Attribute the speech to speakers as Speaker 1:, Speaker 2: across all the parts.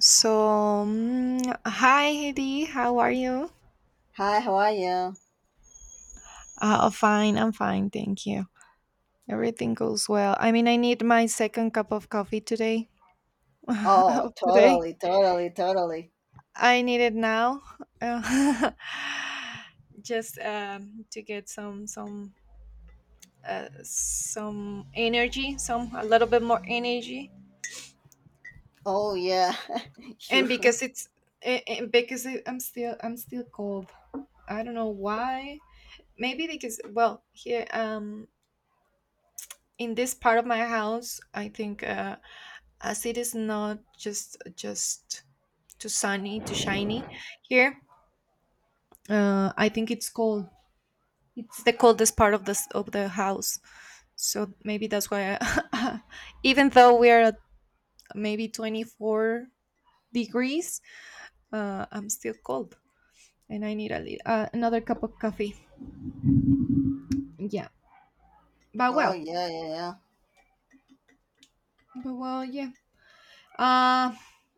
Speaker 1: So hi, Hedy. How are you?
Speaker 2: Hi, how are you?
Speaker 1: Fine. I'm fine. Thank you. Everything goes well. I mean, I need my second cup of coffee today.
Speaker 2: Oh,
Speaker 1: of today,
Speaker 2: totally, totally, totally.
Speaker 1: I need it now. Uh, just to get some some energy, some a little bit more energy,
Speaker 2: Oh, yeah,
Speaker 1: and
Speaker 2: sure.
Speaker 1: because it's and because I'm still cold. I don't know why. Maybe because, well, here, in this part of my house, I think, as it is not just just too sunny, too shiny here, I think it's cold. It's the coldest part of this of the house. So maybe that's why even though we are at maybe 24 degrees, I'm still cold, and I need another cup of coffee. Yeah, but
Speaker 2: Oh,
Speaker 1: well.
Speaker 2: yeah, yeah, yeah.
Speaker 1: But well, yeah. Uh,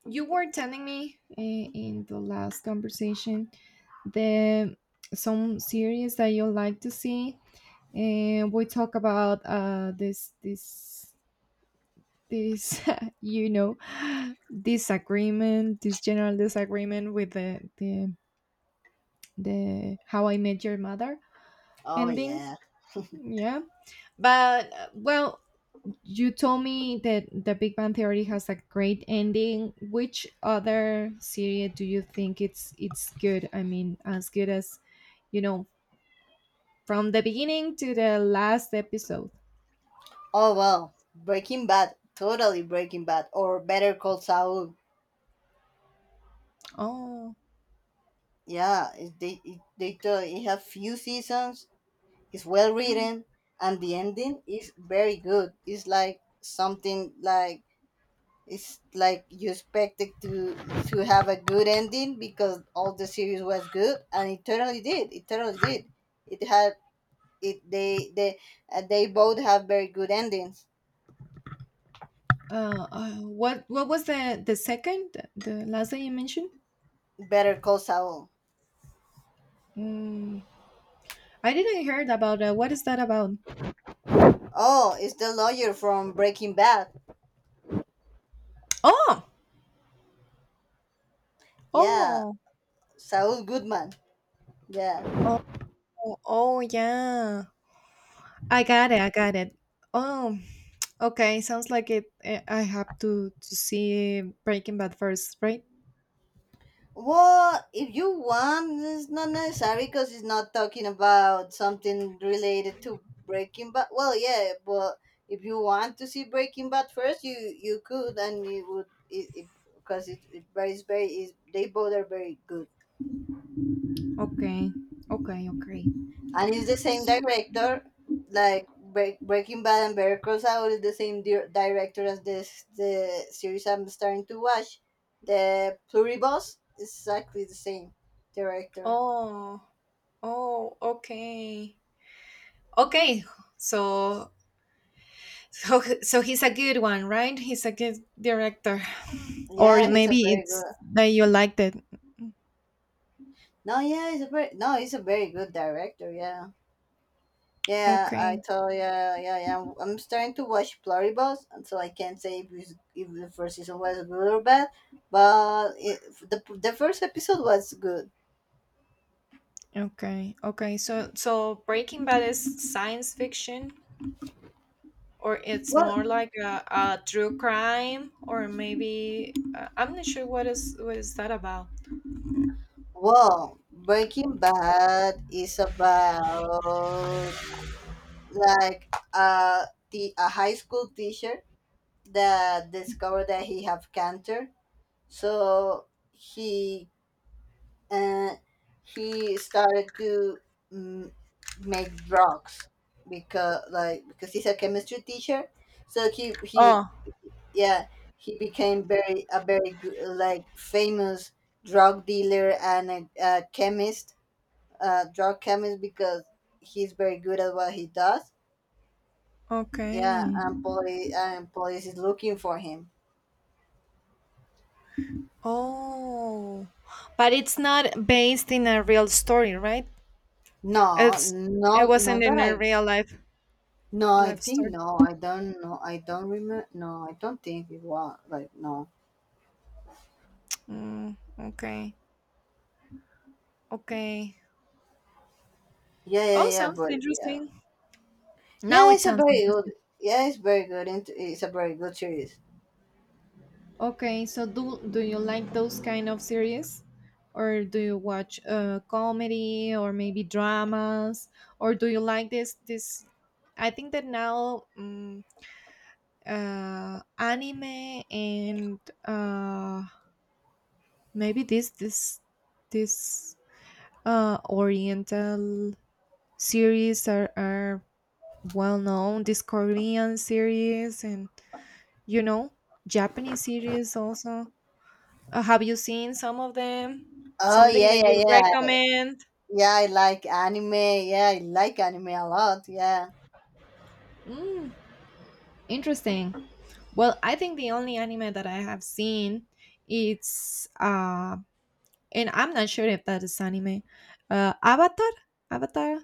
Speaker 1: you were telling me, in the last conversation, the some series that you like to see, and we talk about this you know disagreement, this general disagreement with the How I Met Your Mother
Speaker 2: Oh,
Speaker 1: ending,
Speaker 2: yeah.
Speaker 1: yeah. But well, you told me that the Big Bang Theory has a great ending. Which other series do you think it's good? I mean, as good as you know, from the beginning to the last episode.
Speaker 2: Oh, well, Breaking Bad, totally Breaking Bad, or Better Call Saul.
Speaker 1: Oh,
Speaker 2: Yeah, it have few seasons. It's well
Speaker 1: mhm.
Speaker 2: written, and the ending is very good. It's like something like it's like you expect it to have a good ending because all the series was good and it totally did it totally did it had it they both have very good endings.
Speaker 1: What was the last that you mentioned?
Speaker 2: Better Call Saul.
Speaker 1: Mm, I didn't heard about that. What is that about?
Speaker 2: Oh, it's the lawyer from Breaking Bad.
Speaker 1: Oh,
Speaker 2: Yeah.
Speaker 1: oh,
Speaker 2: Saul Goodman. Yeah.
Speaker 1: oh, oh, yeah. I got it. I got it. Oh, okay. Sounds like it. I have to see Breaking Bad first, right?
Speaker 2: Well, if you want, it's not necessary because it's not talking about something related to Breaking Bad. Well, yeah, but if you want to see Breaking Bad first, you could, and you would, it because it, 'cause it very is they both are very good,
Speaker 1: Okay. Okay. Okay.
Speaker 2: and it's the same
Speaker 1: S-
Speaker 2: director, like Breaking Bad and Better Call Saul is the same director as this the series I'm starting to watch, the Pluribus, is exactly the same director.
Speaker 1: Oh. Oh. Okay. Okay. So. So, so he's a good one, right? He's a good director, or
Speaker 2: Yeah, he's a
Speaker 1: maybe
Speaker 2: very
Speaker 1: it's
Speaker 2: good.
Speaker 1: that you liked it.
Speaker 2: No, yeah, he's a very no, he's a very good director. Yeah, yeah, I
Speaker 1: Okay,
Speaker 2: told yeah, yeah, yeah. I'm starting to watch Pluribus, and so I can't say if it's, if the first season was good or bad, but it, the first episode was good.
Speaker 1: okay, okay. So, so Breaking Bad is science fiction, or it's
Speaker 2: Well,
Speaker 1: more like a true crime, or maybe, I'm not sure what is that about.
Speaker 2: well, Breaking Bad is about like uh the a high school teacher that discovered that he have cancer, so he and he started to mm, make drugs because because he's a chemistry teacher, so
Speaker 1: Oh,
Speaker 2: yeah he became very a very good, like, famous drug dealer and a chemist, drug chemist because he's very good at what he does. Yeah,
Speaker 1: okay.
Speaker 2: and police is looking for him.
Speaker 1: Oh, but it's not based in a real story, right?
Speaker 2: No,
Speaker 1: It's, it wasn't
Speaker 2: not
Speaker 1: in
Speaker 2: that
Speaker 1: a
Speaker 2: I.
Speaker 1: real life
Speaker 2: No, I
Speaker 1: life
Speaker 2: think
Speaker 1: story.
Speaker 2: no. I don't know. I don't remember. No, I don't think it was like no.
Speaker 1: Mm, okay. Okay.
Speaker 2: Yeah, yeah,
Speaker 1: Oh,
Speaker 2: yeah.
Speaker 1: sounds
Speaker 2: But yeah,
Speaker 1: interesting. Now
Speaker 2: yeah.
Speaker 1: it
Speaker 2: It's a
Speaker 1: sounds
Speaker 2: very good.
Speaker 1: interesting.
Speaker 2: Yeah, it's very good. It's a very good series.
Speaker 1: Okay, so do do you like those kind of series? Or do you watch, comedy or maybe dramas? Or do you like this I think that now, anime and, uh, maybe this this this, oriental series are well known, this Korean series and, you know, Japanese series also. Have you seen some of them?
Speaker 2: Oh
Speaker 1: Something
Speaker 2: yeah,
Speaker 1: that
Speaker 2: yeah,
Speaker 1: you
Speaker 2: yeah.
Speaker 1: recommend?
Speaker 2: Yeah, I like anime. Yeah, I like anime a lot. Yeah.
Speaker 1: Mm, interesting. Well, I think the only anime that I have seen, it's and I'm not sure if that is anime. Avatar? Avatar?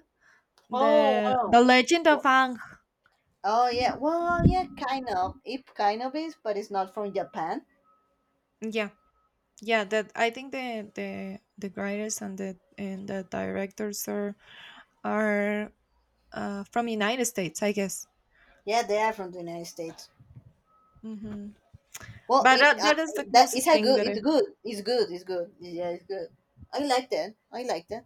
Speaker 2: Oh
Speaker 1: The
Speaker 2: wow.
Speaker 1: Legend of
Speaker 2: Wo-
Speaker 1: Aang.
Speaker 2: Oh yeah. Well, yeah. Kind of. It kind of is, but it's not from Japan.
Speaker 1: Yeah. Yeah, that I think the writers and the directors are, from United States, I guess.
Speaker 2: Yeah, they are from the United States.
Speaker 1: Hmm.
Speaker 2: Well,
Speaker 1: But
Speaker 2: it,
Speaker 1: that,
Speaker 2: uh,
Speaker 1: that is the
Speaker 2: it's
Speaker 1: closest
Speaker 2: a
Speaker 1: thing
Speaker 2: good,
Speaker 1: that I
Speaker 2: it's good. Yeah, it's good. I like that. I like that.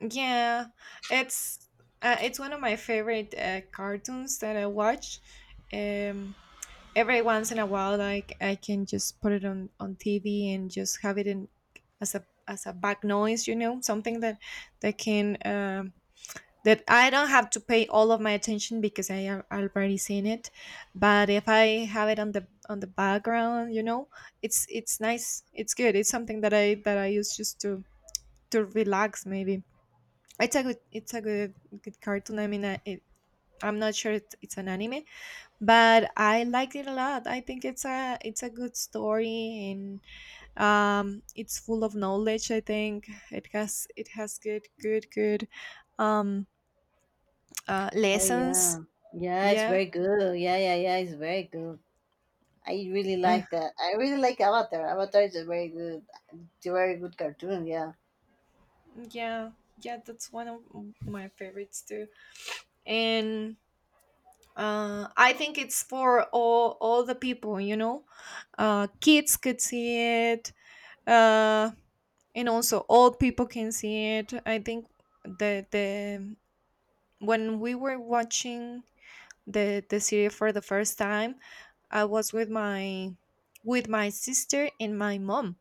Speaker 1: Yeah, it's, it's one of my favorite, cartoons that I watch. Um, every once in a while, like I can just put it on TV and just have it in as a back noise, you know, something that that can, that I don't have to pay all of my attention because I have already seen it. But if I have it on the background, you know, it's nice. It's good. It's something that I use just to relax, maybe. It's a good, it's a good cartoon. I mean, I'm not sure it's an anime, but I liked it a lot. I think it's a good story, and it's full of knowledge. I think it has, it has good good good um
Speaker 2: Oh
Speaker 1: lessons.
Speaker 2: yeah, yeah, it's
Speaker 1: Yeah.
Speaker 2: very good. Yeah, yeah, yeah, it's very good. I really
Speaker 1: Uh,
Speaker 2: like that. I really like Avatar. Avatar is a very good, it's a very good cartoon. Yeah,
Speaker 1: yeah, yeah, that's one of my favorites too. And, I think it's for all the people, you know, kids could see it, uh, and also old people can see it. I think the when we were watching the series for the first time, I was with my sister and my mom,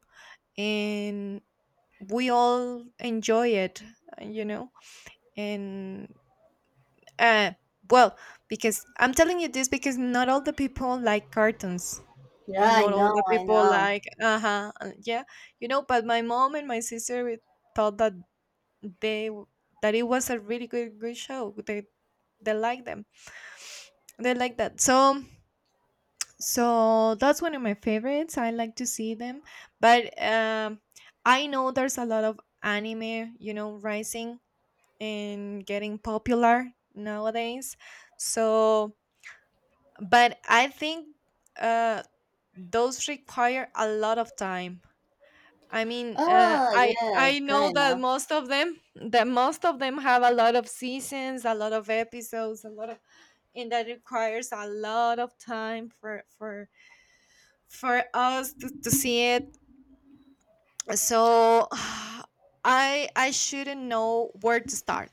Speaker 1: and we all enjoy it, you know. And, uh, well, because I'm telling you this because not all the people like cartoons.
Speaker 2: yeah,
Speaker 1: And
Speaker 2: I
Speaker 1: not all
Speaker 2: know,
Speaker 1: the
Speaker 2: I
Speaker 1: people
Speaker 2: know.
Speaker 1: like, uh-huh, uh huh, yeah, you know. But my mom and my sister, we thought that they w- that it was a really good show. They like them. They like that. So so that's one of my favorites. I like to see them, but, I know there's a lot of anime, you know, rising and getting popular nowadays. So, but I think, uh, those require a lot of time. I mean,
Speaker 2: Oh
Speaker 1: I
Speaker 2: yeah,
Speaker 1: I know
Speaker 2: kind
Speaker 1: that
Speaker 2: of.
Speaker 1: most of them have a lot of seasons, a lot of episodes, a lot of, and that requires a lot of time for us to see it. So I shouldn't know where to start.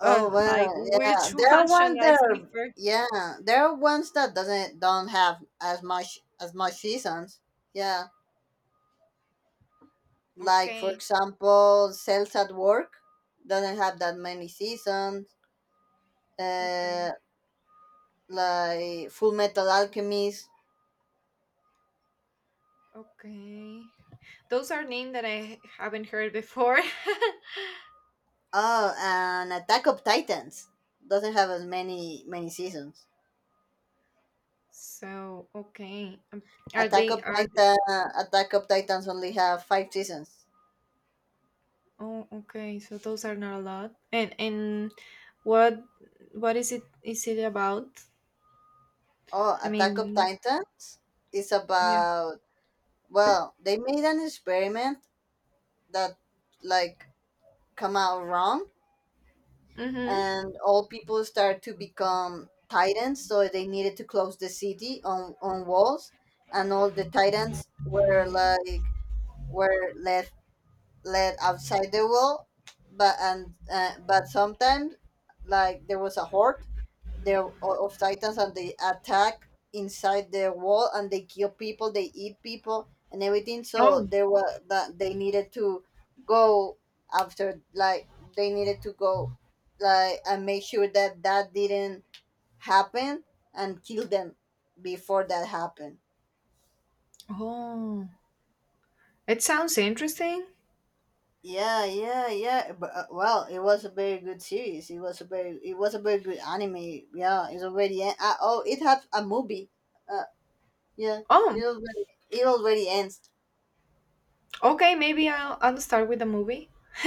Speaker 2: Oh
Speaker 1: Like
Speaker 2: well, yeah.
Speaker 1: which
Speaker 2: There are
Speaker 1: one should
Speaker 2: ones
Speaker 1: I
Speaker 2: that
Speaker 1: see
Speaker 2: are
Speaker 1: first?
Speaker 2: yeah. There are ones that doesn't don't have as much seasons. Yeah. Like for
Speaker 1: Okay,
Speaker 2: example, sales at work doesn't have that many seasons.
Speaker 1: okay,
Speaker 2: Uh, like Full Metal Alchemist.
Speaker 1: okay. Those are names that I haven't heard before.
Speaker 2: Oh, and Attack of Titans doesn't have as many seasons.
Speaker 1: So okay, are
Speaker 2: Attack
Speaker 1: they
Speaker 2: of
Speaker 1: are
Speaker 2: Titan, Attack of Titans only have five seasons.
Speaker 1: Oh, okay. So those are not a lot. And what what is it about?
Speaker 2: Oh,
Speaker 1: I
Speaker 2: Attack of
Speaker 1: mean,
Speaker 2: Titans is
Speaker 1: yeah.
Speaker 2: about, well, they made an experiment that like come out wrong,
Speaker 1: Mm-hmm.
Speaker 2: and all people start to become titans, so they needed to close the city on walls, and all the titans were like were left led outside the wall. But and uh, but sometimes, like, there was a horde of titans, and they attack inside the wall, and they kill people, they eat people, and everything. So
Speaker 1: Oh.
Speaker 2: there were that they needed to go after, like, they needed to go, like, and make sure that that didn't happen and kill them before that happened.
Speaker 1: Oh. It sounds interesting.
Speaker 2: Yeah, yeah, yeah. But, well, it was a very good series. It was a very good anime. Yeah, it's already oh, it had a movie. Uh, yeah,
Speaker 1: Oh,
Speaker 2: it already, it already ends.
Speaker 1: okay, maybe I'll start with the movie.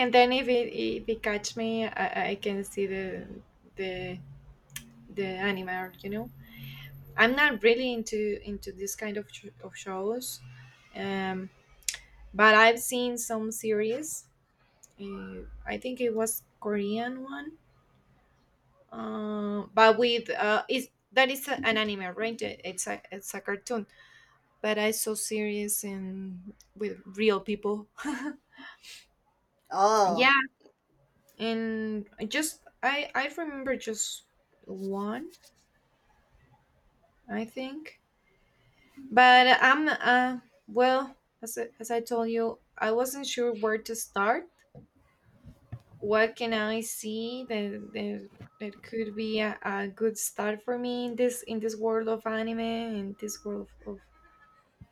Speaker 1: And then if it catch me, I can see the the anime, art, you know. I'm not really into this kind of sh- of shows. Um, but I've seen some series. I think it was Korean one, but with is that is a- an anime, right? It's a cartoon, but I saw series in with real people. Yeah,
Speaker 2: Oh.
Speaker 1: and I just I remember just one, I think. But I'm well, as as I told you, I wasn't sure where to start what can I see that that, that could be a good start for me in this world of anime and this world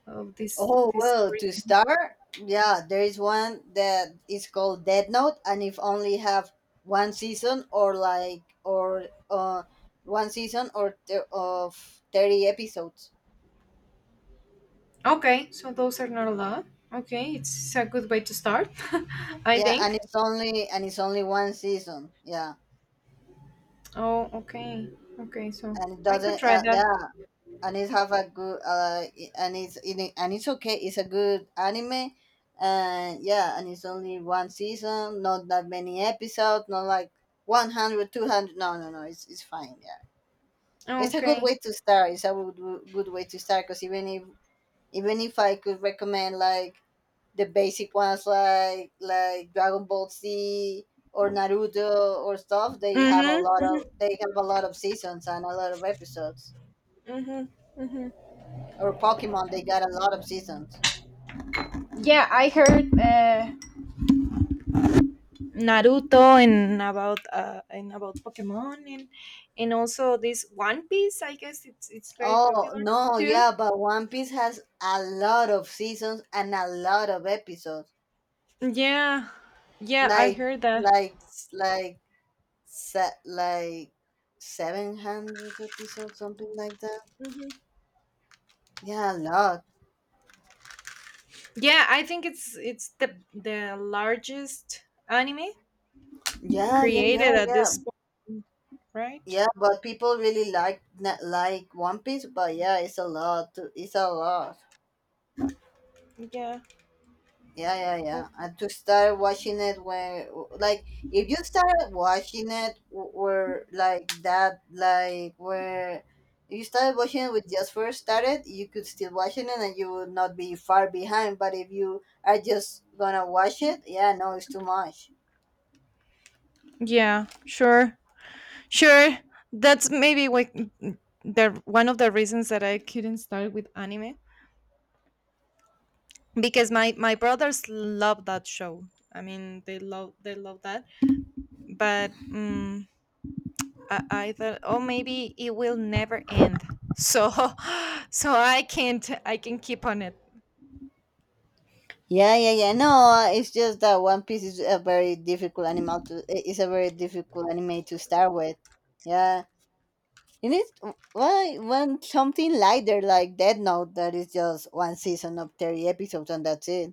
Speaker 1: of this
Speaker 2: Oh
Speaker 1: this
Speaker 2: well. To
Speaker 1: Korean.
Speaker 2: start, yeah, there is one that is called Dead Note, and if only have one season or uh of 30 episodes.
Speaker 1: Okay, so those are not a lot. Okay, it's a good way to start, I
Speaker 2: Yeah,
Speaker 1: think.
Speaker 2: and it's only one season. Yeah,
Speaker 1: Oh, okay, okay, so
Speaker 2: and it
Speaker 1: I could
Speaker 2: doesn't.
Speaker 1: try that.
Speaker 2: Yeah, and it's have a good, I- and it's in it- and it's okay, it's a good anime. And yeah, and it's only one season, not that many episodes, not like 100, 200. No, no, it's fine, yeah. It's a good
Speaker 1: Okay.
Speaker 2: way to start, it's a good, good way to start, because even if I could recommend, like, the basic ones like Dragon Ball Z or Naruto or stuff,
Speaker 1: Mm-hmm.
Speaker 2: they have a lot of seasons and a lot of episodes.
Speaker 1: Mm-hmm. Mm-hmm. Mm-hmm.
Speaker 2: Or Pokemon, they got a lot of seasons.
Speaker 1: Yeah, I heard. Naruto, and about, Pokemon, and also this One Piece. I guess it's very
Speaker 2: Oh,
Speaker 1: popular
Speaker 2: no,
Speaker 1: too.
Speaker 2: yeah, but One Piece has a lot of seasons and a lot of episodes.
Speaker 1: Yeah, yeah, I
Speaker 2: Like,
Speaker 1: heard that.
Speaker 2: like, like, like 700 episodes, something like that.
Speaker 1: Mhm.
Speaker 2: Yeah, a lot.
Speaker 1: Yeah, I think it's the largest anime
Speaker 2: Yeah, yeah, yeah,
Speaker 1: created at
Speaker 2: yeah.
Speaker 1: this point, right?
Speaker 2: Yeah, but people really like One Piece, but yeah, it's a lot. It's a lot.
Speaker 1: Yeah.
Speaker 2: Yeah, yeah,
Speaker 1: Oh.
Speaker 2: yeah. And to start watching it when, like, if you started watching it w- where, like, that, like, where if you started watching it with just first started, you could still watching it and you would not be far behind. But if you are just gonna watch it, yeah, no, it's too much.
Speaker 1: Yeah. Sure. Sure. That's maybe like the one of the reasons that I couldn't start with anime, because my brothers love that show. I mean, they love, they love that, but, I thought, oh, maybe it will never end, so so I can't, I can keep on it.
Speaker 2: Yeah, yeah, yeah. No, it's just that One Piece is a very difficult It's a very difficult anime to start with. Yeah. It is why when something lighter like Death Note that is just one season of 30 episodes and that's it,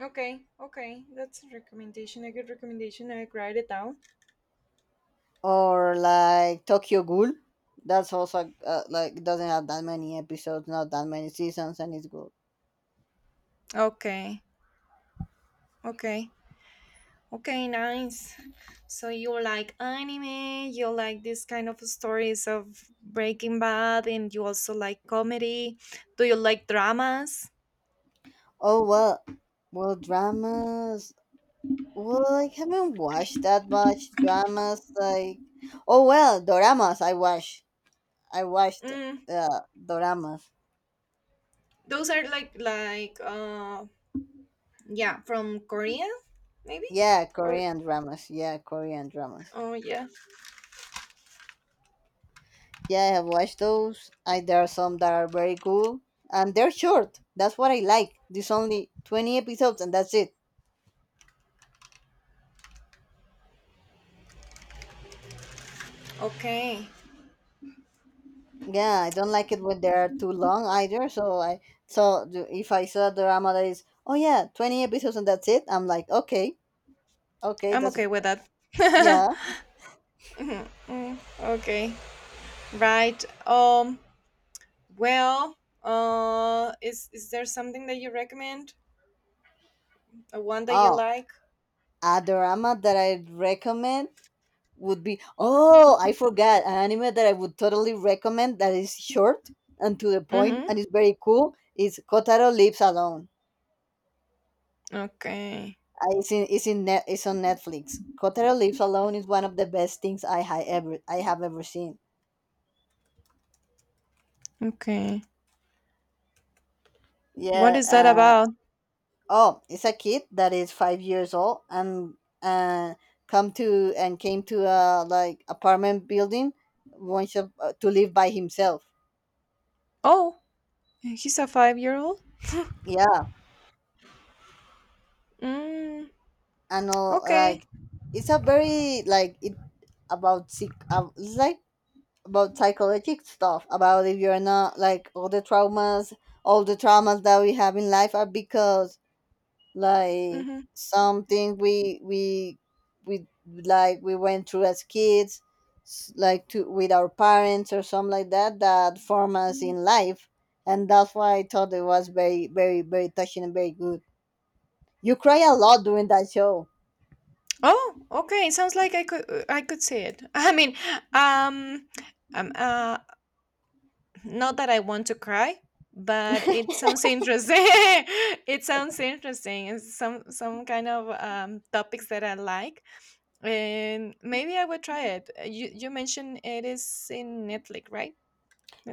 Speaker 1: Okay, okay, that's a recommendation, a good recommendation. I write it down.
Speaker 2: or like Tokyo Ghoul, that's also, like, doesn't have that many episodes, not that many seasons, and it's good.
Speaker 1: Okay, okay, okay, nice. So you like anime, you like this kind of stories of Breaking Bad, and you also like comedy. Do you like dramas?
Speaker 2: Oh well. Well dramas. Well, I haven't watched that much dramas. Like, oh well, doramas. I watched
Speaker 1: Mm,
Speaker 2: doramas.
Speaker 1: those are like, yeah, from Korea maybe?
Speaker 2: Yeah,
Speaker 1: Or
Speaker 2: Korean dramas. Yeah, Korean dramas.
Speaker 1: oh yeah.
Speaker 2: Yeah, I have watched those. There are some that are very cool, and they're short. That's what I like. There's only 20 episodes, and that's it.
Speaker 1: Okay.
Speaker 2: Yeah, I don't like it when they are too long either. So, if I saw a drama that is, oh yeah, 20 episodes and that's it, I'm like, okay, okay,
Speaker 1: I'm
Speaker 2: that's
Speaker 1: okay with that.
Speaker 2: yeah.
Speaker 1: Mhm, mm, okay. Right. Um well, is there something that you recommend? A one that you
Speaker 2: Oh,
Speaker 1: like?
Speaker 2: a drama that I recommend would be, oh, I forgot an anime that I would totally recommend that is short and to the point
Speaker 1: Mhm.
Speaker 2: and is very cool. Is Kotaro Lives Alone.
Speaker 1: Okay.
Speaker 2: It's on Netflix. Kotaro Lives Alone is one of the best things I have ever seen.
Speaker 1: Okay. What
Speaker 2: Yeah.
Speaker 1: is that about?
Speaker 2: Oh, it's a kid that is 5 years old and, uh, come to and came to a like apartment building, wants to, to live by himself.
Speaker 1: Oh, he's a 5-year-old?
Speaker 2: Yeah,
Speaker 1: Mm,
Speaker 2: and all,
Speaker 1: okay.
Speaker 2: like, it's a very like it about sick it's like about psychological stuff about if you're not like all the traumas that we have in life are because, like,
Speaker 1: Mhm.
Speaker 2: something we, we went through as kids, s- like to with our parents or something like that, that form us in life. And that's why I thought it was very, very, very touching and very good. You cry a lot during that show.
Speaker 1: Oh, okay. It sounds like I could, I could see it. I mean, um, um uh, not that I want to cry, but it sounds interesting. It sounds interesting. It's some kind of topics that I like, and maybe I would try it. You you mentioned it is in Netflix, right?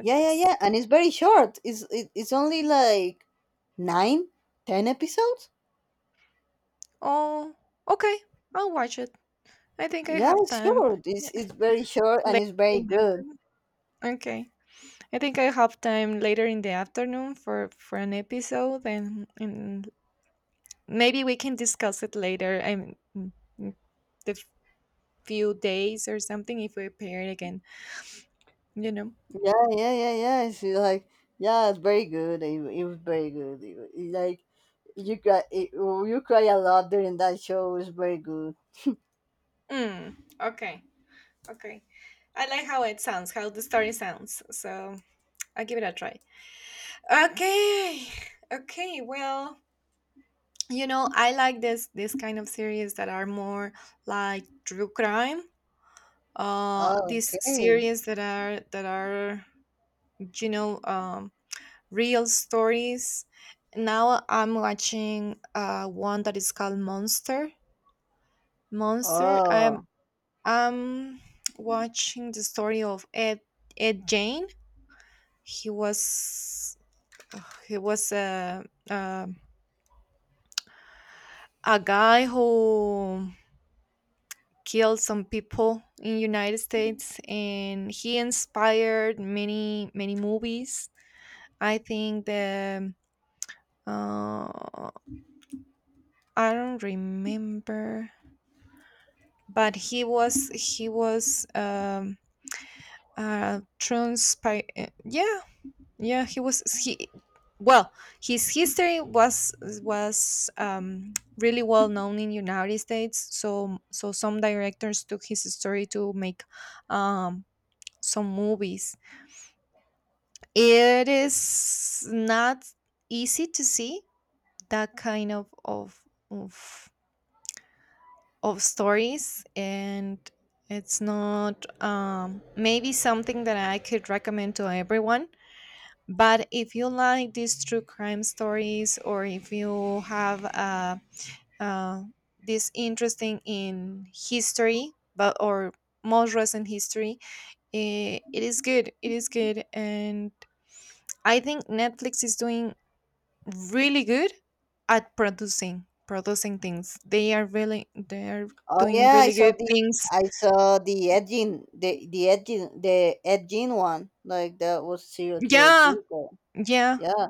Speaker 2: Yeah, yeah, yeah, and it's very short, it's only like nine ten episodes.
Speaker 1: Oh, okay. I'll watch it. I think I
Speaker 2: Yeah,
Speaker 1: have
Speaker 2: it's
Speaker 1: time.
Speaker 2: short,
Speaker 1: Yeah.
Speaker 2: it's very short, and it's
Speaker 1: Later
Speaker 2: very
Speaker 1: in the
Speaker 2: good.
Speaker 1: afternoon. Okay. I think I have time later in the afternoon for an episode, and maybe we can discuss it later. I mean, mm, the f- few days or something if we appear again. You know.
Speaker 2: Yeah, yeah, yeah, yeah. She's like, yeah, it's very good. It was very good. It, like you cry, it, You cry a lot during that show. It was very good.
Speaker 1: Mm, okay. Okay. I like how it sounds, how the story sounds. So I'll give it a try. Okay. Okay. Well, you know, I like this kind of series that are more like true crime.
Speaker 2: Oh,
Speaker 1: These
Speaker 2: okay.
Speaker 1: series that are you know um, real stories. Now I'm watching one that is called monster. monster i'm
Speaker 2: Oh,
Speaker 1: i'm watching the story of Ed Jane. He was he was a, a guy who killed some people in United States, and he inspired many, many movies. I think the, uh, I don't remember, but he was transpire. Yeah, yeah, he was he well, his history was really well known in United States, so some directors took his story to make um some movies. It is not easy to see that kind of of stories, and it's not maybe something that I could recommend to everyone. But if you like these true crime stories, or if you have, uh, this interesting in history, but or most recent history, it is good, it is good. And I think Netflix is doing really good at producing things. They are
Speaker 2: oh
Speaker 1: doing
Speaker 2: yeah.
Speaker 1: really good things.
Speaker 2: I saw the edging one. Like that was serial killer
Speaker 1: Yeah,
Speaker 2: too. But
Speaker 1: yeah,
Speaker 2: yeah.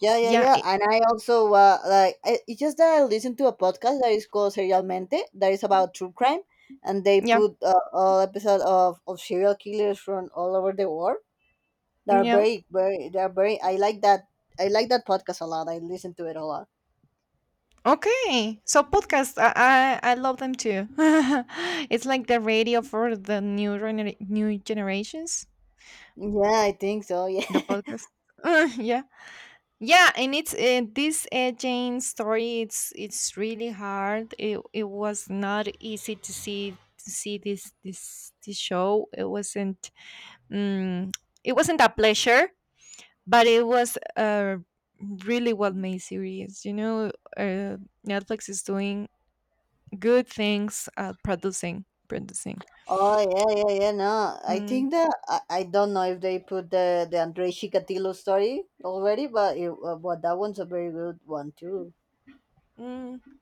Speaker 2: Yeah, yeah,
Speaker 1: yeah,
Speaker 2: yeah. And I also, it's just that I listened to a podcast that is called Serialmente that is about true crime, and they
Speaker 1: yeah,
Speaker 2: put, all episode of serial killers from all over the world. They are
Speaker 1: yeah.
Speaker 2: very, very. They are very. I like that. I like that podcast a lot. I listen to it a lot.
Speaker 1: Okay, so podcasts, I love them too. It's like the radio for the new generations.
Speaker 2: Yeah, I think so. Yeah.
Speaker 1: The podcast. Yeah, yeah, and it's this Jane story. It's really hard. It was not easy to see this show. It wasn't. Um, it wasn't a pleasure, but it was a really well made series. You know, uh, Netflix is doing good things at producing.
Speaker 2: oh yeah, yeah, yeah. No, I
Speaker 1: Mm,
Speaker 2: think that, I don't know if they put the Andre Chikatilo story already, but that one's a very good one too.
Speaker 1: mm,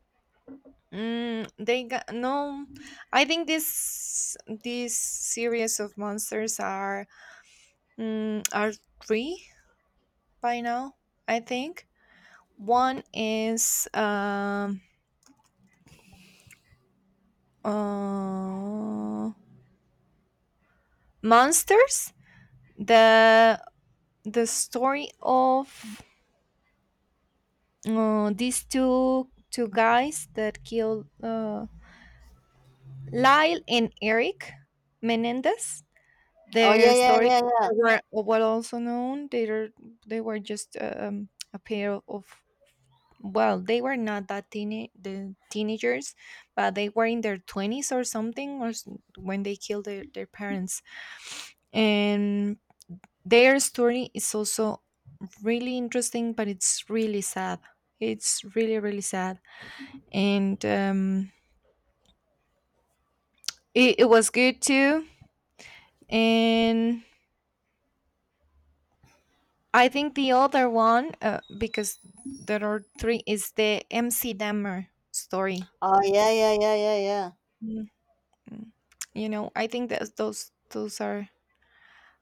Speaker 1: mm, they got no. I think this series of monsters are, are three by now. I think one is uh, monsters. The the story of these two guys that killed, Lyle and Eric Menendez.
Speaker 2: Oh
Speaker 1: Their
Speaker 2: yeah, yeah,
Speaker 1: stories
Speaker 2: yeah, yeah.
Speaker 1: were, well, also known. They were just, a pair of, well, they were not that teenagers, but they were in their 20s or something, when they killed their parents. And their story is also really interesting, but it's really sad. It's really, really sad. And it was good too. And I think the other one, because there are three, is the MC Dammer story.
Speaker 2: Oh yeah, yeah, yeah, yeah, yeah.
Speaker 1: Mm, mm. You know, I think that those are,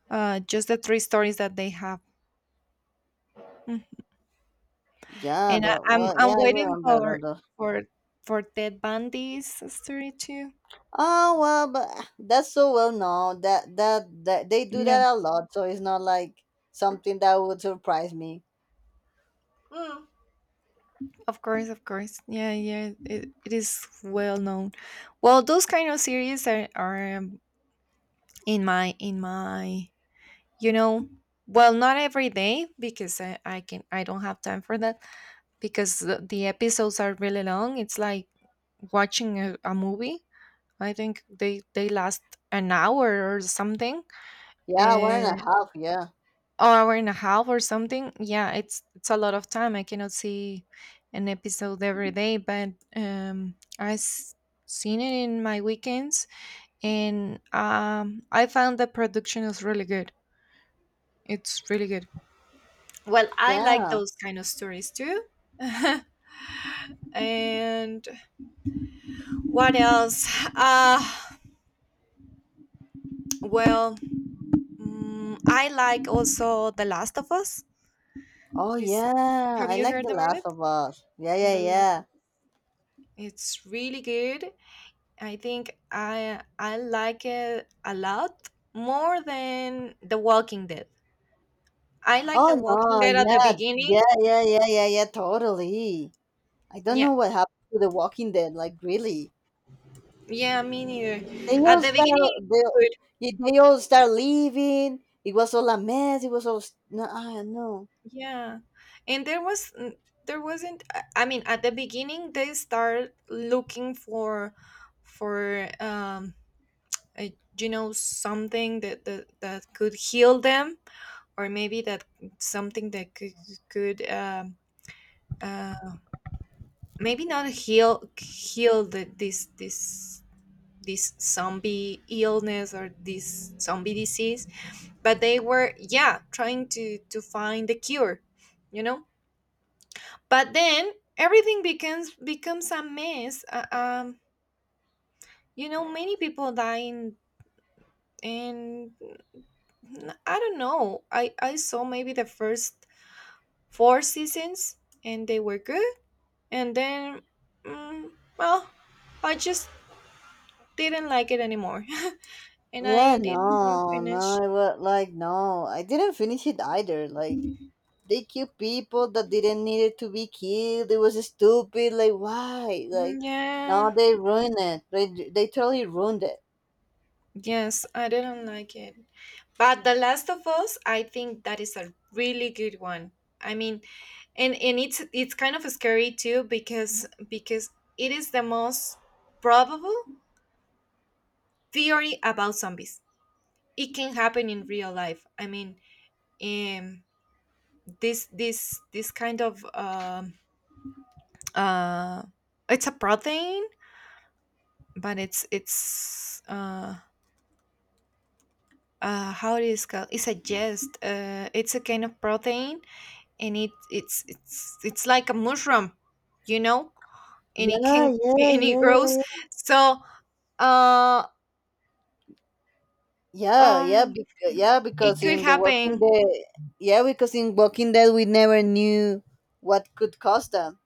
Speaker 1: just the three stories that they have. Mm.
Speaker 2: Yeah,
Speaker 1: And I, I'm I'm
Speaker 2: yeah, I
Speaker 1: waiting
Speaker 2: remember a those.
Speaker 1: for for Ted Bundy's story too.
Speaker 2: Oh well, but ah, that's so well known that they do
Speaker 1: Yeah.
Speaker 2: that a lot, so it's not like something that would surprise me.
Speaker 1: Mm. Of course, of course. Yeah, yeah. It is well known. Well, those kind of series are in my, you know, well, not every day, because I don't have time for that, because the episodes are really long. It's like watching a movie. I think they last an hour or something,
Speaker 2: Yeah, one and
Speaker 1: uh,
Speaker 2: a half. Yeah,
Speaker 1: hour and a half or something. Yeah, it's a lot of time. I cannot see an episode every day, but um I've seen it in my weekends. And I found the production is really good. It's really good. Well, I like
Speaker 2: yeah.
Speaker 1: those kind of stories too. And what else? Uh, well, I like also The Last of Us.
Speaker 2: Oh
Speaker 1: This.
Speaker 2: yeah,
Speaker 1: Have
Speaker 2: I
Speaker 1: you
Speaker 2: like
Speaker 1: heard
Speaker 2: The
Speaker 1: about it?
Speaker 2: Last of Us. Yeah, yeah,
Speaker 1: The Last.
Speaker 2: yeah.
Speaker 1: It's really good. I think I like it a lot more than The Walking Dead. I like The
Speaker 2: Oh
Speaker 1: Walking
Speaker 2: no,
Speaker 1: Dead at the
Speaker 2: yeah,
Speaker 1: beginning.
Speaker 2: yeah, yeah, yeah, yeah, yeah. Totally. I don't
Speaker 1: Yeah.
Speaker 2: know what happened to The Walking Dead. Like, really.
Speaker 1: Yeah, me neither.
Speaker 2: They
Speaker 1: At
Speaker 2: all
Speaker 1: the
Speaker 2: start.
Speaker 1: beginning.
Speaker 2: They, yeah, they all start leaving. It was all a mess. It was all no. I no.
Speaker 1: Yeah. And there was there wasn't. I mean, at the beginning, they start looking for a, you know, something that could heal them, or maybe that something that could uh maybe not heal this zombie illness or this zombie disease, but they were, yeah, trying to find the cure, you know. But then everything becomes a mess, you know, many people dying, and I don't know, I saw maybe the first four seasons, and they were good. And then, mm, well, I just didn't like it anymore. And
Speaker 2: Yeah,
Speaker 1: I didn't
Speaker 2: no, no.
Speaker 1: finish.
Speaker 2: It was like no. I didn't finish it either. Like they killed people that didn't need it to be killed. It was stupid. Like why?
Speaker 1: Mm,
Speaker 2: Like
Speaker 1: yeah.
Speaker 2: no, they ruined it. They totally ruined it.
Speaker 1: Yes, I didn't like it. But The Last of Us, I think that is a really good one. I mean, and it's kind of scary too, because it is the most probable theory about zombies. It can happen in real life, I mean. um this kind of, uh it's a protein. But it's how it is called, it's a jest, it's a kind of protein. And it it's like a mushroom, you know. And it can,
Speaker 2: Yeah, yeah,
Speaker 1: and it
Speaker 2: yeah,
Speaker 1: grows,
Speaker 2: yeah.
Speaker 1: so uh
Speaker 2: Yeah, yeah,
Speaker 1: Um, it
Speaker 2: because
Speaker 1: could
Speaker 2: in The Walking
Speaker 1: happen.
Speaker 2: Dead, yeah, because in Walking Dead we never knew what could cause them.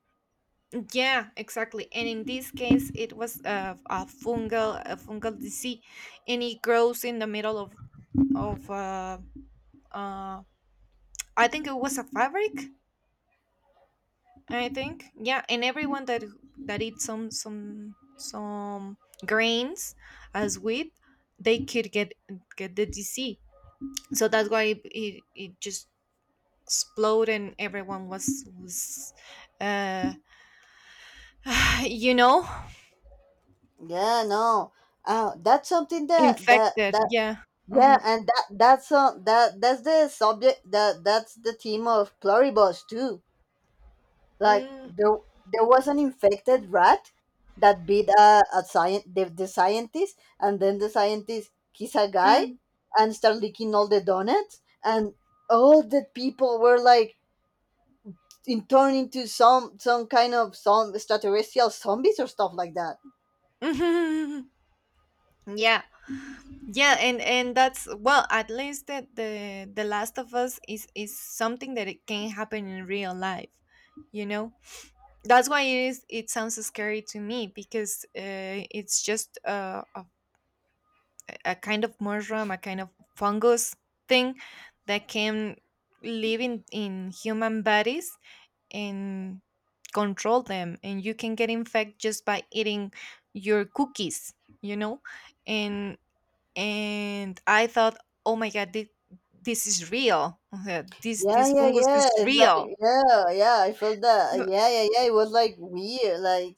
Speaker 1: Yeah, exactly. And in this case, it was a fungal disease, and it grows in the middle of, of uh, uh, I think it was a fabric. I think, yeah, and everyone that eats some grains, as wheat, they could get the disease. So that's why it just exploded, and everyone was uh you know.
Speaker 2: Yeah, no. That's something that that
Speaker 1: Infected,
Speaker 2: that
Speaker 1: yeah.
Speaker 2: yeah,
Speaker 1: Uh-huh.
Speaker 2: and that that's the subject that's the theme of Pluribus too. Like there
Speaker 1: Mm.
Speaker 2: there was an infected rat that beat a the scientist, and then the scientist kiss a guy
Speaker 1: Mm.
Speaker 2: and start licking all the donuts, and all the people were like in turn into some kind of some extraterrestrial zombies or stuff like that.
Speaker 1: Yeah, yeah, and that's, well, at least that The Last of Us is something that it can happen in real life. You know, that's why it is, it sounds scary to me, because it's just a kind of mushroom, a kind of fungus thing that can live in human bodies, and control them. And you can get infected just by eating your cookies, you know? And and I thought, oh my god, this is real. This
Speaker 2: Yeah,
Speaker 1: this
Speaker 2: yeah,
Speaker 1: fungus
Speaker 2: yeah.
Speaker 1: is
Speaker 2: It's
Speaker 1: real.
Speaker 2: like yeah, yeah. I felt that. Yeah, yeah, yeah. It was like weird. Like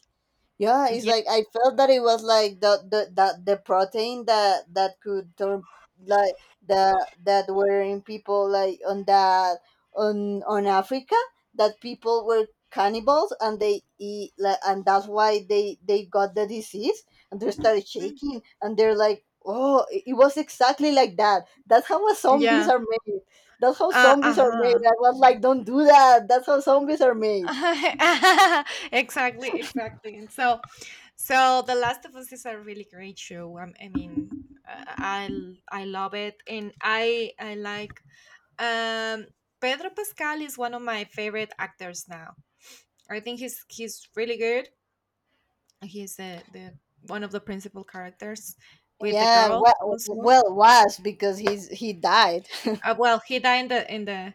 Speaker 2: yeah, it's
Speaker 1: Yeah.
Speaker 2: like I felt that it was like the protein that could turn like the that were in people like on Africa, that people were cannibals and they eat like, and that's why they got the disease, and they started shaking and they're like, oh, it was exactly like that. That's how zombies
Speaker 1: Yeah.
Speaker 2: are made. That's how zombies are made.
Speaker 1: Uh-huh.
Speaker 2: I was like, don't do that. That's how zombies are made.
Speaker 1: Exactly, exactly. And so The Last of Us is a really great show. I mean, uh, I I love it, and I like, um Pedro Pascal is one of my favorite actors now. I think he's really good. He's the one of the principal characters, with the
Speaker 2: Yeah,
Speaker 1: girl also.
Speaker 2: well, it was because he died.
Speaker 1: Well, he died in the in the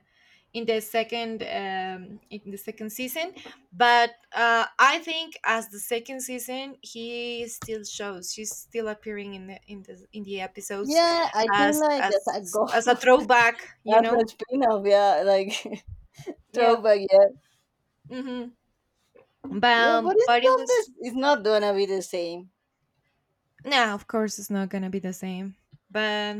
Speaker 1: in the second, in the second season. But I think as the second season, he still shows, she's still appearing in the episodes,
Speaker 2: Yeah, I think
Speaker 1: as
Speaker 2: like as a
Speaker 1: as as a
Speaker 2: goal.
Speaker 1: throwback, you
Speaker 2: As
Speaker 1: know.
Speaker 2: a spin-off, yeah, like
Speaker 1: Yeah.
Speaker 2: throwback, yeah,
Speaker 1: Hmm.
Speaker 2: yeah,
Speaker 1: but
Speaker 2: but it's
Speaker 1: but it
Speaker 2: not this.
Speaker 1: was—
Speaker 2: It's not gonna be the same.
Speaker 1: no, of course it's not gonna be the same. But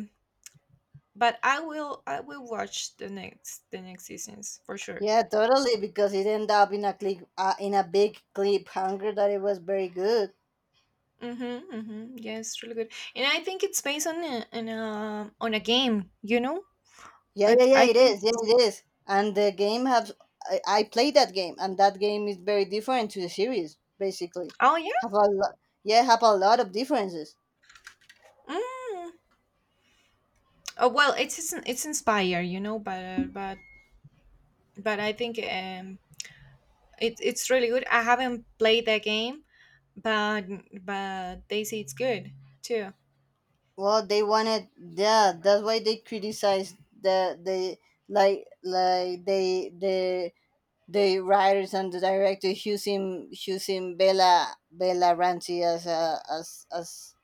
Speaker 1: I will watch the next seasons for sure.
Speaker 2: Yeah, totally, because it ended up in a in a big cliffhanger that it was very good.
Speaker 1: Mm-hmm, mm-hmm. Yes, really good. And I think it's based on a game, you know?
Speaker 2: Yeah, yeah, yeah,
Speaker 1: I
Speaker 2: it
Speaker 1: think.
Speaker 2: is. Yeah, it is. And the game has, I played that game, and that game is very different to the series, basically.
Speaker 1: Oh yeah.
Speaker 2: Have a lot, yeah, have a lot of differences.
Speaker 1: Mm. Oh, well, it's inspired, you know, but I think, it's really good. I haven't played that game, but they say it's good too.
Speaker 2: Well, they wanted, yeah. That's why they criticized the like they the writers and the director using Bella Ramsey as a as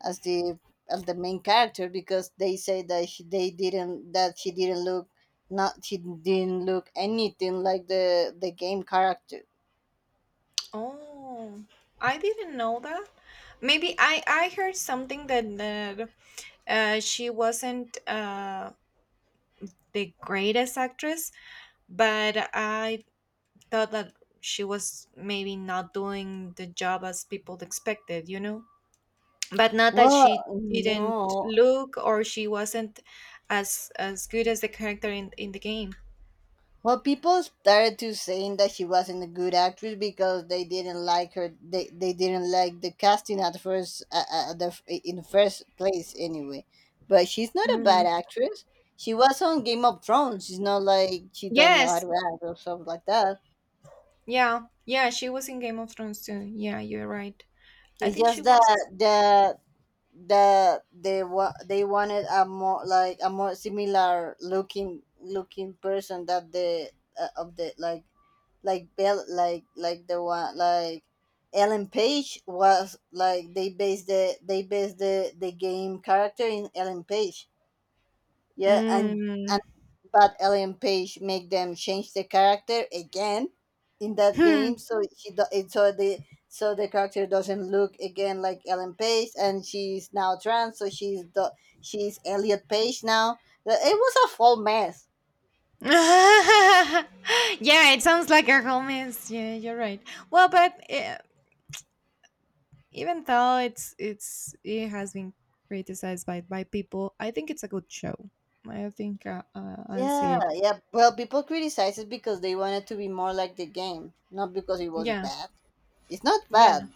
Speaker 2: as the, as the main character because they say that she didn't look, not she didn't look anything like the game character.
Speaker 1: Oh, I didn't know that. Maybe I heard something that she wasn't, the greatest actress, but I thought that she was maybe not doing the job as people expected, you know? But not that
Speaker 2: Well,
Speaker 1: she didn't
Speaker 2: no,
Speaker 1: look, or she wasn't as good as the character in the game.
Speaker 2: Well, people started to saying that she wasn't a good actress because they didn't like her. They didn't like the casting at first, in the first place anyway. But she's not a bad
Speaker 1: Mm.
Speaker 2: actress. She was on Game of Thrones. It's not like she don't know how
Speaker 1: Yes.
Speaker 2: to act or stuff like that.
Speaker 1: Yeah. Yeah, she was in Game of Thrones too. Yeah, you're right. I
Speaker 2: It's
Speaker 1: think she
Speaker 2: just that
Speaker 1: was.
Speaker 2: they wanted a more like a more similar looking person that the of the, like Bell like the one like Ellen Page was, like they based the, they based the game character in Ellen Page, yeah, and
Speaker 1: Mm.
Speaker 2: but Ellen Page make them change the character again in that
Speaker 1: Hmm.
Speaker 2: game, so she do- it so the, so the character doesn't look again like Ellen Page, and she's now trans, so she's Elliot Page now. But it was a full mess.
Speaker 1: Yeah, it sounds like a romance. Yeah, you're right. Well, but even though it's it has been criticized by people, I think it's a good show. I think, I'll see
Speaker 2: Yeah,
Speaker 1: it.
Speaker 2: yeah. Well, people criticize it because they wanted to be more like the game, not because it was
Speaker 1: Yeah,
Speaker 2: bad. It's not
Speaker 1: yeah,
Speaker 2: bad.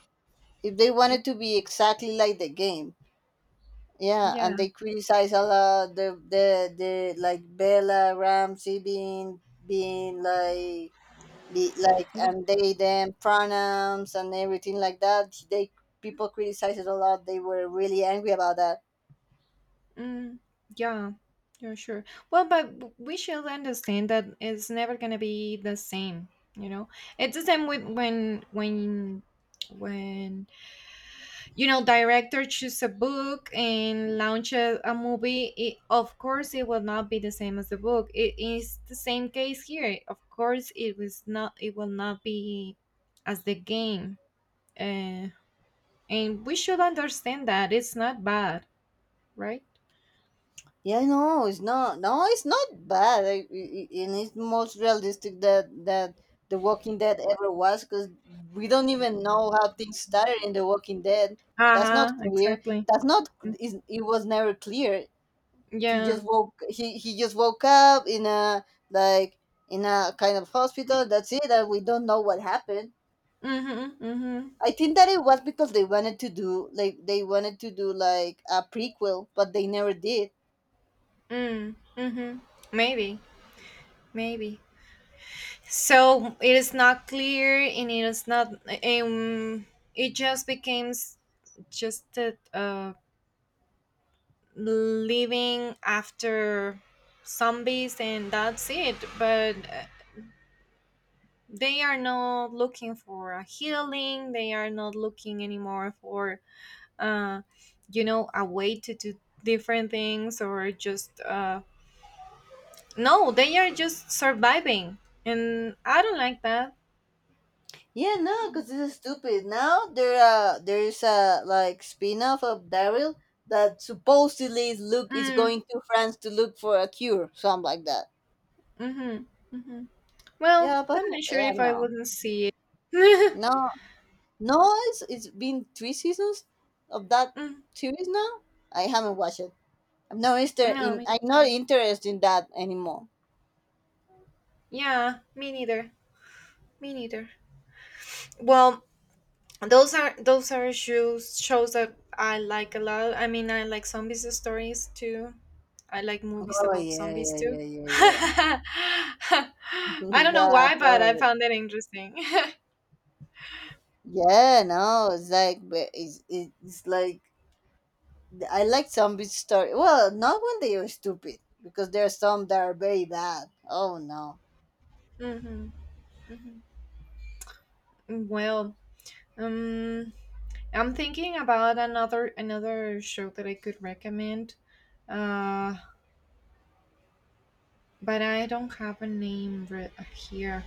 Speaker 2: If they
Speaker 1: y-
Speaker 2: wanted to be exactly like the game. Yeah,
Speaker 1: yeah.
Speaker 2: and they criticize a lot the like Bella Ramsey being being like, be like,
Speaker 1: Yeah,
Speaker 2: and they them pronouns and everything like that. They, people criticize it a lot. They were really angry about that.
Speaker 1: mm, yeah, yeah, sure. Well, but we should understand that it's never gonna be the same, you know. It's the same with when, you know, director choose a book and launch a movie. Of course it will not be the same as the book. It is the same case here. Of course it was not, it will not be as the game. uh, and we should understand that it's not bad, right?
Speaker 2: Yeah, no, it's not. No, it's not bad. And it's most realistic that that the Walking Dead ever was, because we don't even know how things started in the Walking Dead. That's
Speaker 1: Uh-huh,
Speaker 2: not clear,
Speaker 1: exactly.
Speaker 2: that's not, is, it was never clear.
Speaker 1: Yeah.
Speaker 2: He just woke up in a, like, in a kind of hospital, that's it, and we don't know what happened.
Speaker 1: Mm-hmm, mm-hmm.
Speaker 2: I think that it was because they wanted to do like a prequel, but they never did.
Speaker 1: Mm, mm-hmm. Maybe, maybe. So it is not clear, and it is not. Um, it just becomes just that, living after zombies, and that's it. But they are not looking for a healing. They are not looking anymore for, uh, you know, a way to do different things, or just. No, they are just surviving, and I don't like that.
Speaker 2: Yeah, no, because this is stupid now. There there's a like spin-off of Daryl that supposedly is look is
Speaker 1: Mm,
Speaker 2: going to France to look for a cure, something like that.
Speaker 1: mm-hmm, mm-hmm. Well,
Speaker 2: Yeah, but
Speaker 1: I'm not sure
Speaker 2: yeah,
Speaker 1: if I
Speaker 2: no,
Speaker 1: wouldn't see it.
Speaker 2: no. No, it's been three seasons of that
Speaker 1: Mm,
Speaker 2: series now. I haven't watched it.
Speaker 1: no, me,
Speaker 2: I'm not interested in that anymore.
Speaker 1: yeah, me neither. Me neither. Well, those are shows that I like a lot. I mean, I like zombies stories too. I like movies
Speaker 2: Oh
Speaker 1: about
Speaker 2: yeah,
Speaker 1: zombies
Speaker 2: yeah, yeah,
Speaker 1: too.
Speaker 2: yeah, yeah.
Speaker 1: I don't know
Speaker 2: Yeah,
Speaker 1: why, but I
Speaker 2: totally.
Speaker 1: found it interesting.
Speaker 2: Yeah, no, it's like but it's like I like zombie story. Well, not when they are stupid because there are some that are very bad. Oh no.
Speaker 1: Hmm. Hmm. Well, um, I'm thinking about another show that I could recommend. Uh, but I don't have a name here.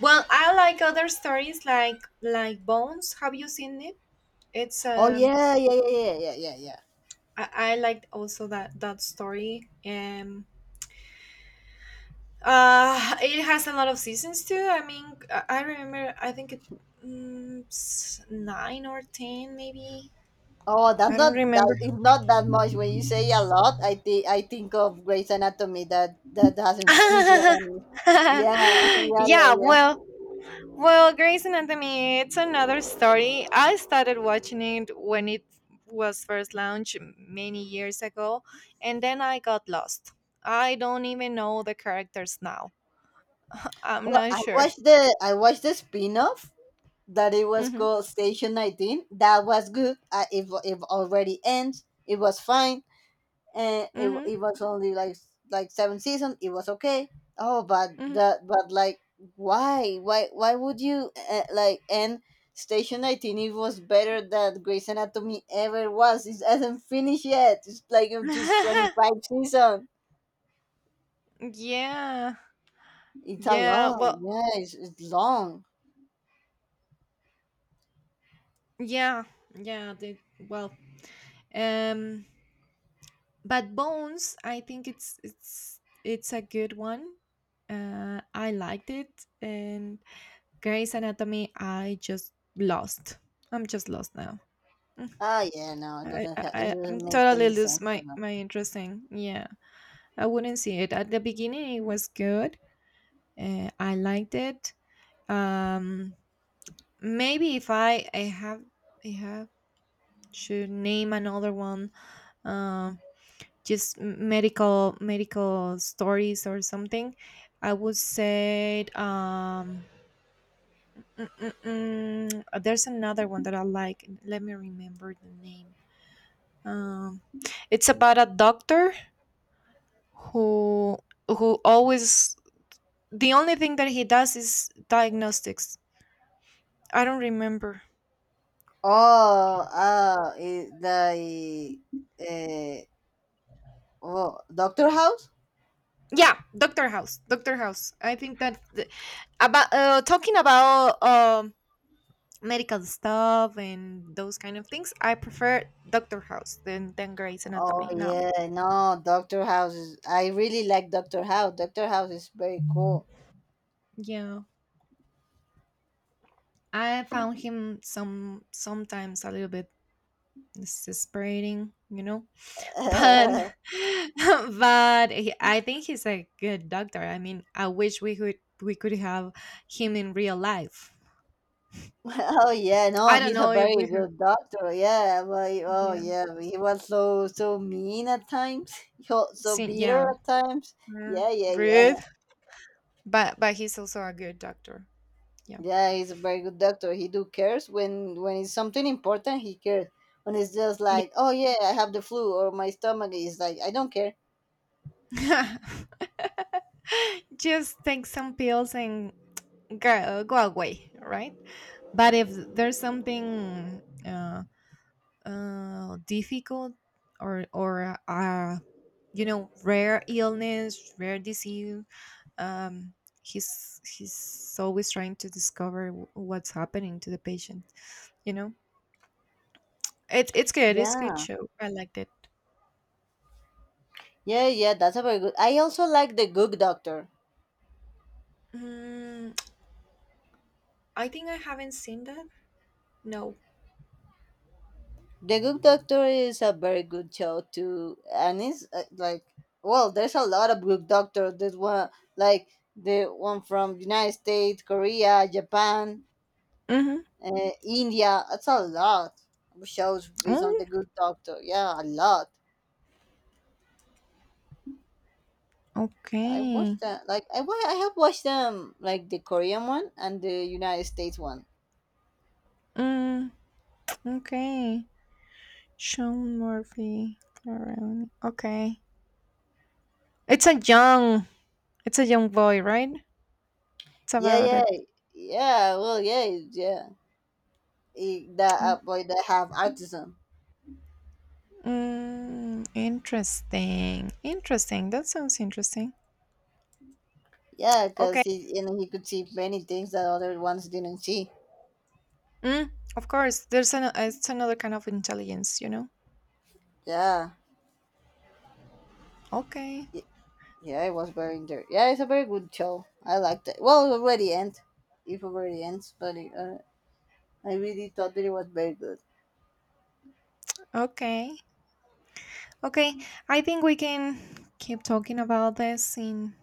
Speaker 1: Well, I like other stories like Bones. Have you seen it? It's,
Speaker 2: Oh yeah, yeah, yeah, yeah, yeah, yeah, yeah.
Speaker 1: I liked also that story. It has a lot of seasons too. I mean, I remember. I think it, 9 or 10 maybe.
Speaker 2: Oh, that's
Speaker 1: I don't
Speaker 2: not
Speaker 1: remember.
Speaker 2: that it's not that much. When you say a lot, I think of Grey's Anatomy that that hasn't finished yet. And yeah, yeah, yeah,
Speaker 1: Yeah,
Speaker 2: yeah.
Speaker 1: well. Well, Grey's Anatomy, it's another story. I started watching it when it was first launched many years ago, and then I got lost. I don't even know the characters now. I'm
Speaker 2: Well,
Speaker 1: not sure.
Speaker 2: I watched the spin-off that it was
Speaker 1: Mm-hmm.
Speaker 2: called Station 19. That was good. If already ends, it was fine. And
Speaker 1: Mm-hmm.
Speaker 2: it was only like seven seasons. It was okay. Oh, but
Speaker 1: Mm-hmm.
Speaker 2: the, but like, why would you like end Station 19? It was better that Grey's Anatomy ever was. It hasn't finished yet. It's like just 25 season.
Speaker 1: Yeah.
Speaker 2: It's a
Speaker 1: Yeah.
Speaker 2: long,
Speaker 1: Well.
Speaker 2: yeah, it's long.
Speaker 1: Yeah, yeah. Well, um, but Bones, I think it's a good one. I liked it, and Grey's Anatomy, I just lost. I'm just lost now. Mm.
Speaker 2: Ah yeah, no, it
Speaker 1: I'm
Speaker 2: doesn't make
Speaker 1: totally
Speaker 2: any
Speaker 1: lose
Speaker 2: sense for
Speaker 1: my
Speaker 2: me.
Speaker 1: my interest in. Yeah, I wouldn't see it at the beginning. It was good. I liked it. Um, Maybe if I have should name another one, uh, just medical stories or something, I would say, mm, mm, there's another one that I like. Let me remember the name. um it's about a doctor who who always — the only thing that he does is diagnostics. I don't remember.
Speaker 2: Oh, ah it, like uh, oh, Doctor House.
Speaker 1: Yeah, Dr. House Dr. House, I think that, about talking about medical stuff and those kind of things. I prefer Doctor House than Grey's
Speaker 2: Oh
Speaker 1: Anatomy. Now,
Speaker 2: yeah, no, Doctor House is. I really like Doctor House. Doctor House is very cool.
Speaker 1: yeah, I found him sometimes a little bit exasperating, you know. But but I think he's a good doctor. I mean, I wish we could have him in real life.
Speaker 2: Oh yeah, no,
Speaker 1: I don't
Speaker 2: he's a
Speaker 1: know if we
Speaker 2: very
Speaker 1: have,
Speaker 2: good doctor. Yeah, oh
Speaker 1: yeah,
Speaker 2: yeah, he was so so mean at times. So so
Speaker 1: seen,
Speaker 2: bitter
Speaker 1: yeah,
Speaker 2: at times.
Speaker 1: mm,
Speaker 2: Yeah, yeah, yeah,
Speaker 1: rude, but he's also a good doctor. Yeah.
Speaker 2: yeah. He's a very good doctor. He do cares when it's something important. He cares. When it's just like, oh yeah, I have the flu or my stomach is like, I don't care.
Speaker 1: Just take some pills and go, go away, right? But if there's something, difficult, or you know, rare illness, rare disease, um, he's always trying to discover what's happening to the patient. You know, it's good. It's good
Speaker 2: Yeah,
Speaker 1: show. I liked it.
Speaker 2: yeah, yeah. That's a very good. I also like the Good Doctor.
Speaker 1: Mm, I think I haven't seen that. No.
Speaker 2: The Good Doctor is a very good show too, and it's like, well, there's a lot of Good Doctor. There's one, like, the one from United States, Korea, Japan,
Speaker 1: Mm-hmm.
Speaker 2: India. That's a lot of shows based on
Speaker 1: Oh.
Speaker 2: the Good Doctor. Yeah, a lot. I
Speaker 1: Okay.
Speaker 2: watched that. I have watched them, like the Korean one and the United States one.
Speaker 1: Mm, okay. Sean Murphy. Clarone. Okay. It's a young. It's a young boy, right? It's
Speaker 2: Yeah,
Speaker 1: about
Speaker 2: yeah,
Speaker 1: a.
Speaker 2: yeah. Well, yeah, yeah. That boy that have autism.
Speaker 1: Mm, interesting. Interesting. That sounds interesting.
Speaker 2: Yeah, because
Speaker 1: Okay.
Speaker 2: he, you know, he could see many things that other ones didn't see.
Speaker 1: Mm, of course. There's an. It's another kind of intelligence, you know.
Speaker 2: Yeah,
Speaker 1: Okay.
Speaker 2: Y- yeah, it was very inter- yeah, it's a very good show. I liked it. Well, it already ends. It already ends, but I really thought that it was very good.
Speaker 1: Okay. Okay. I think we can keep talking about this in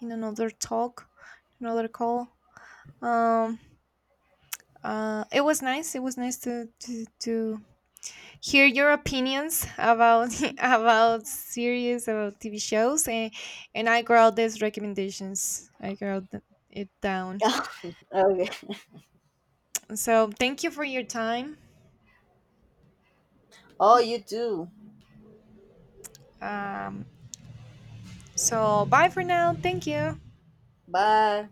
Speaker 1: in another talk, another call. Um it was nice. It was nice to hear your opinions about about series, about TV shows, and I wrote these recommendations. I wrote it down.
Speaker 2: Okay.
Speaker 1: So thank you for your time.
Speaker 2: Oh, you too.
Speaker 1: Um, so bye for now. Thank you.
Speaker 2: Bye.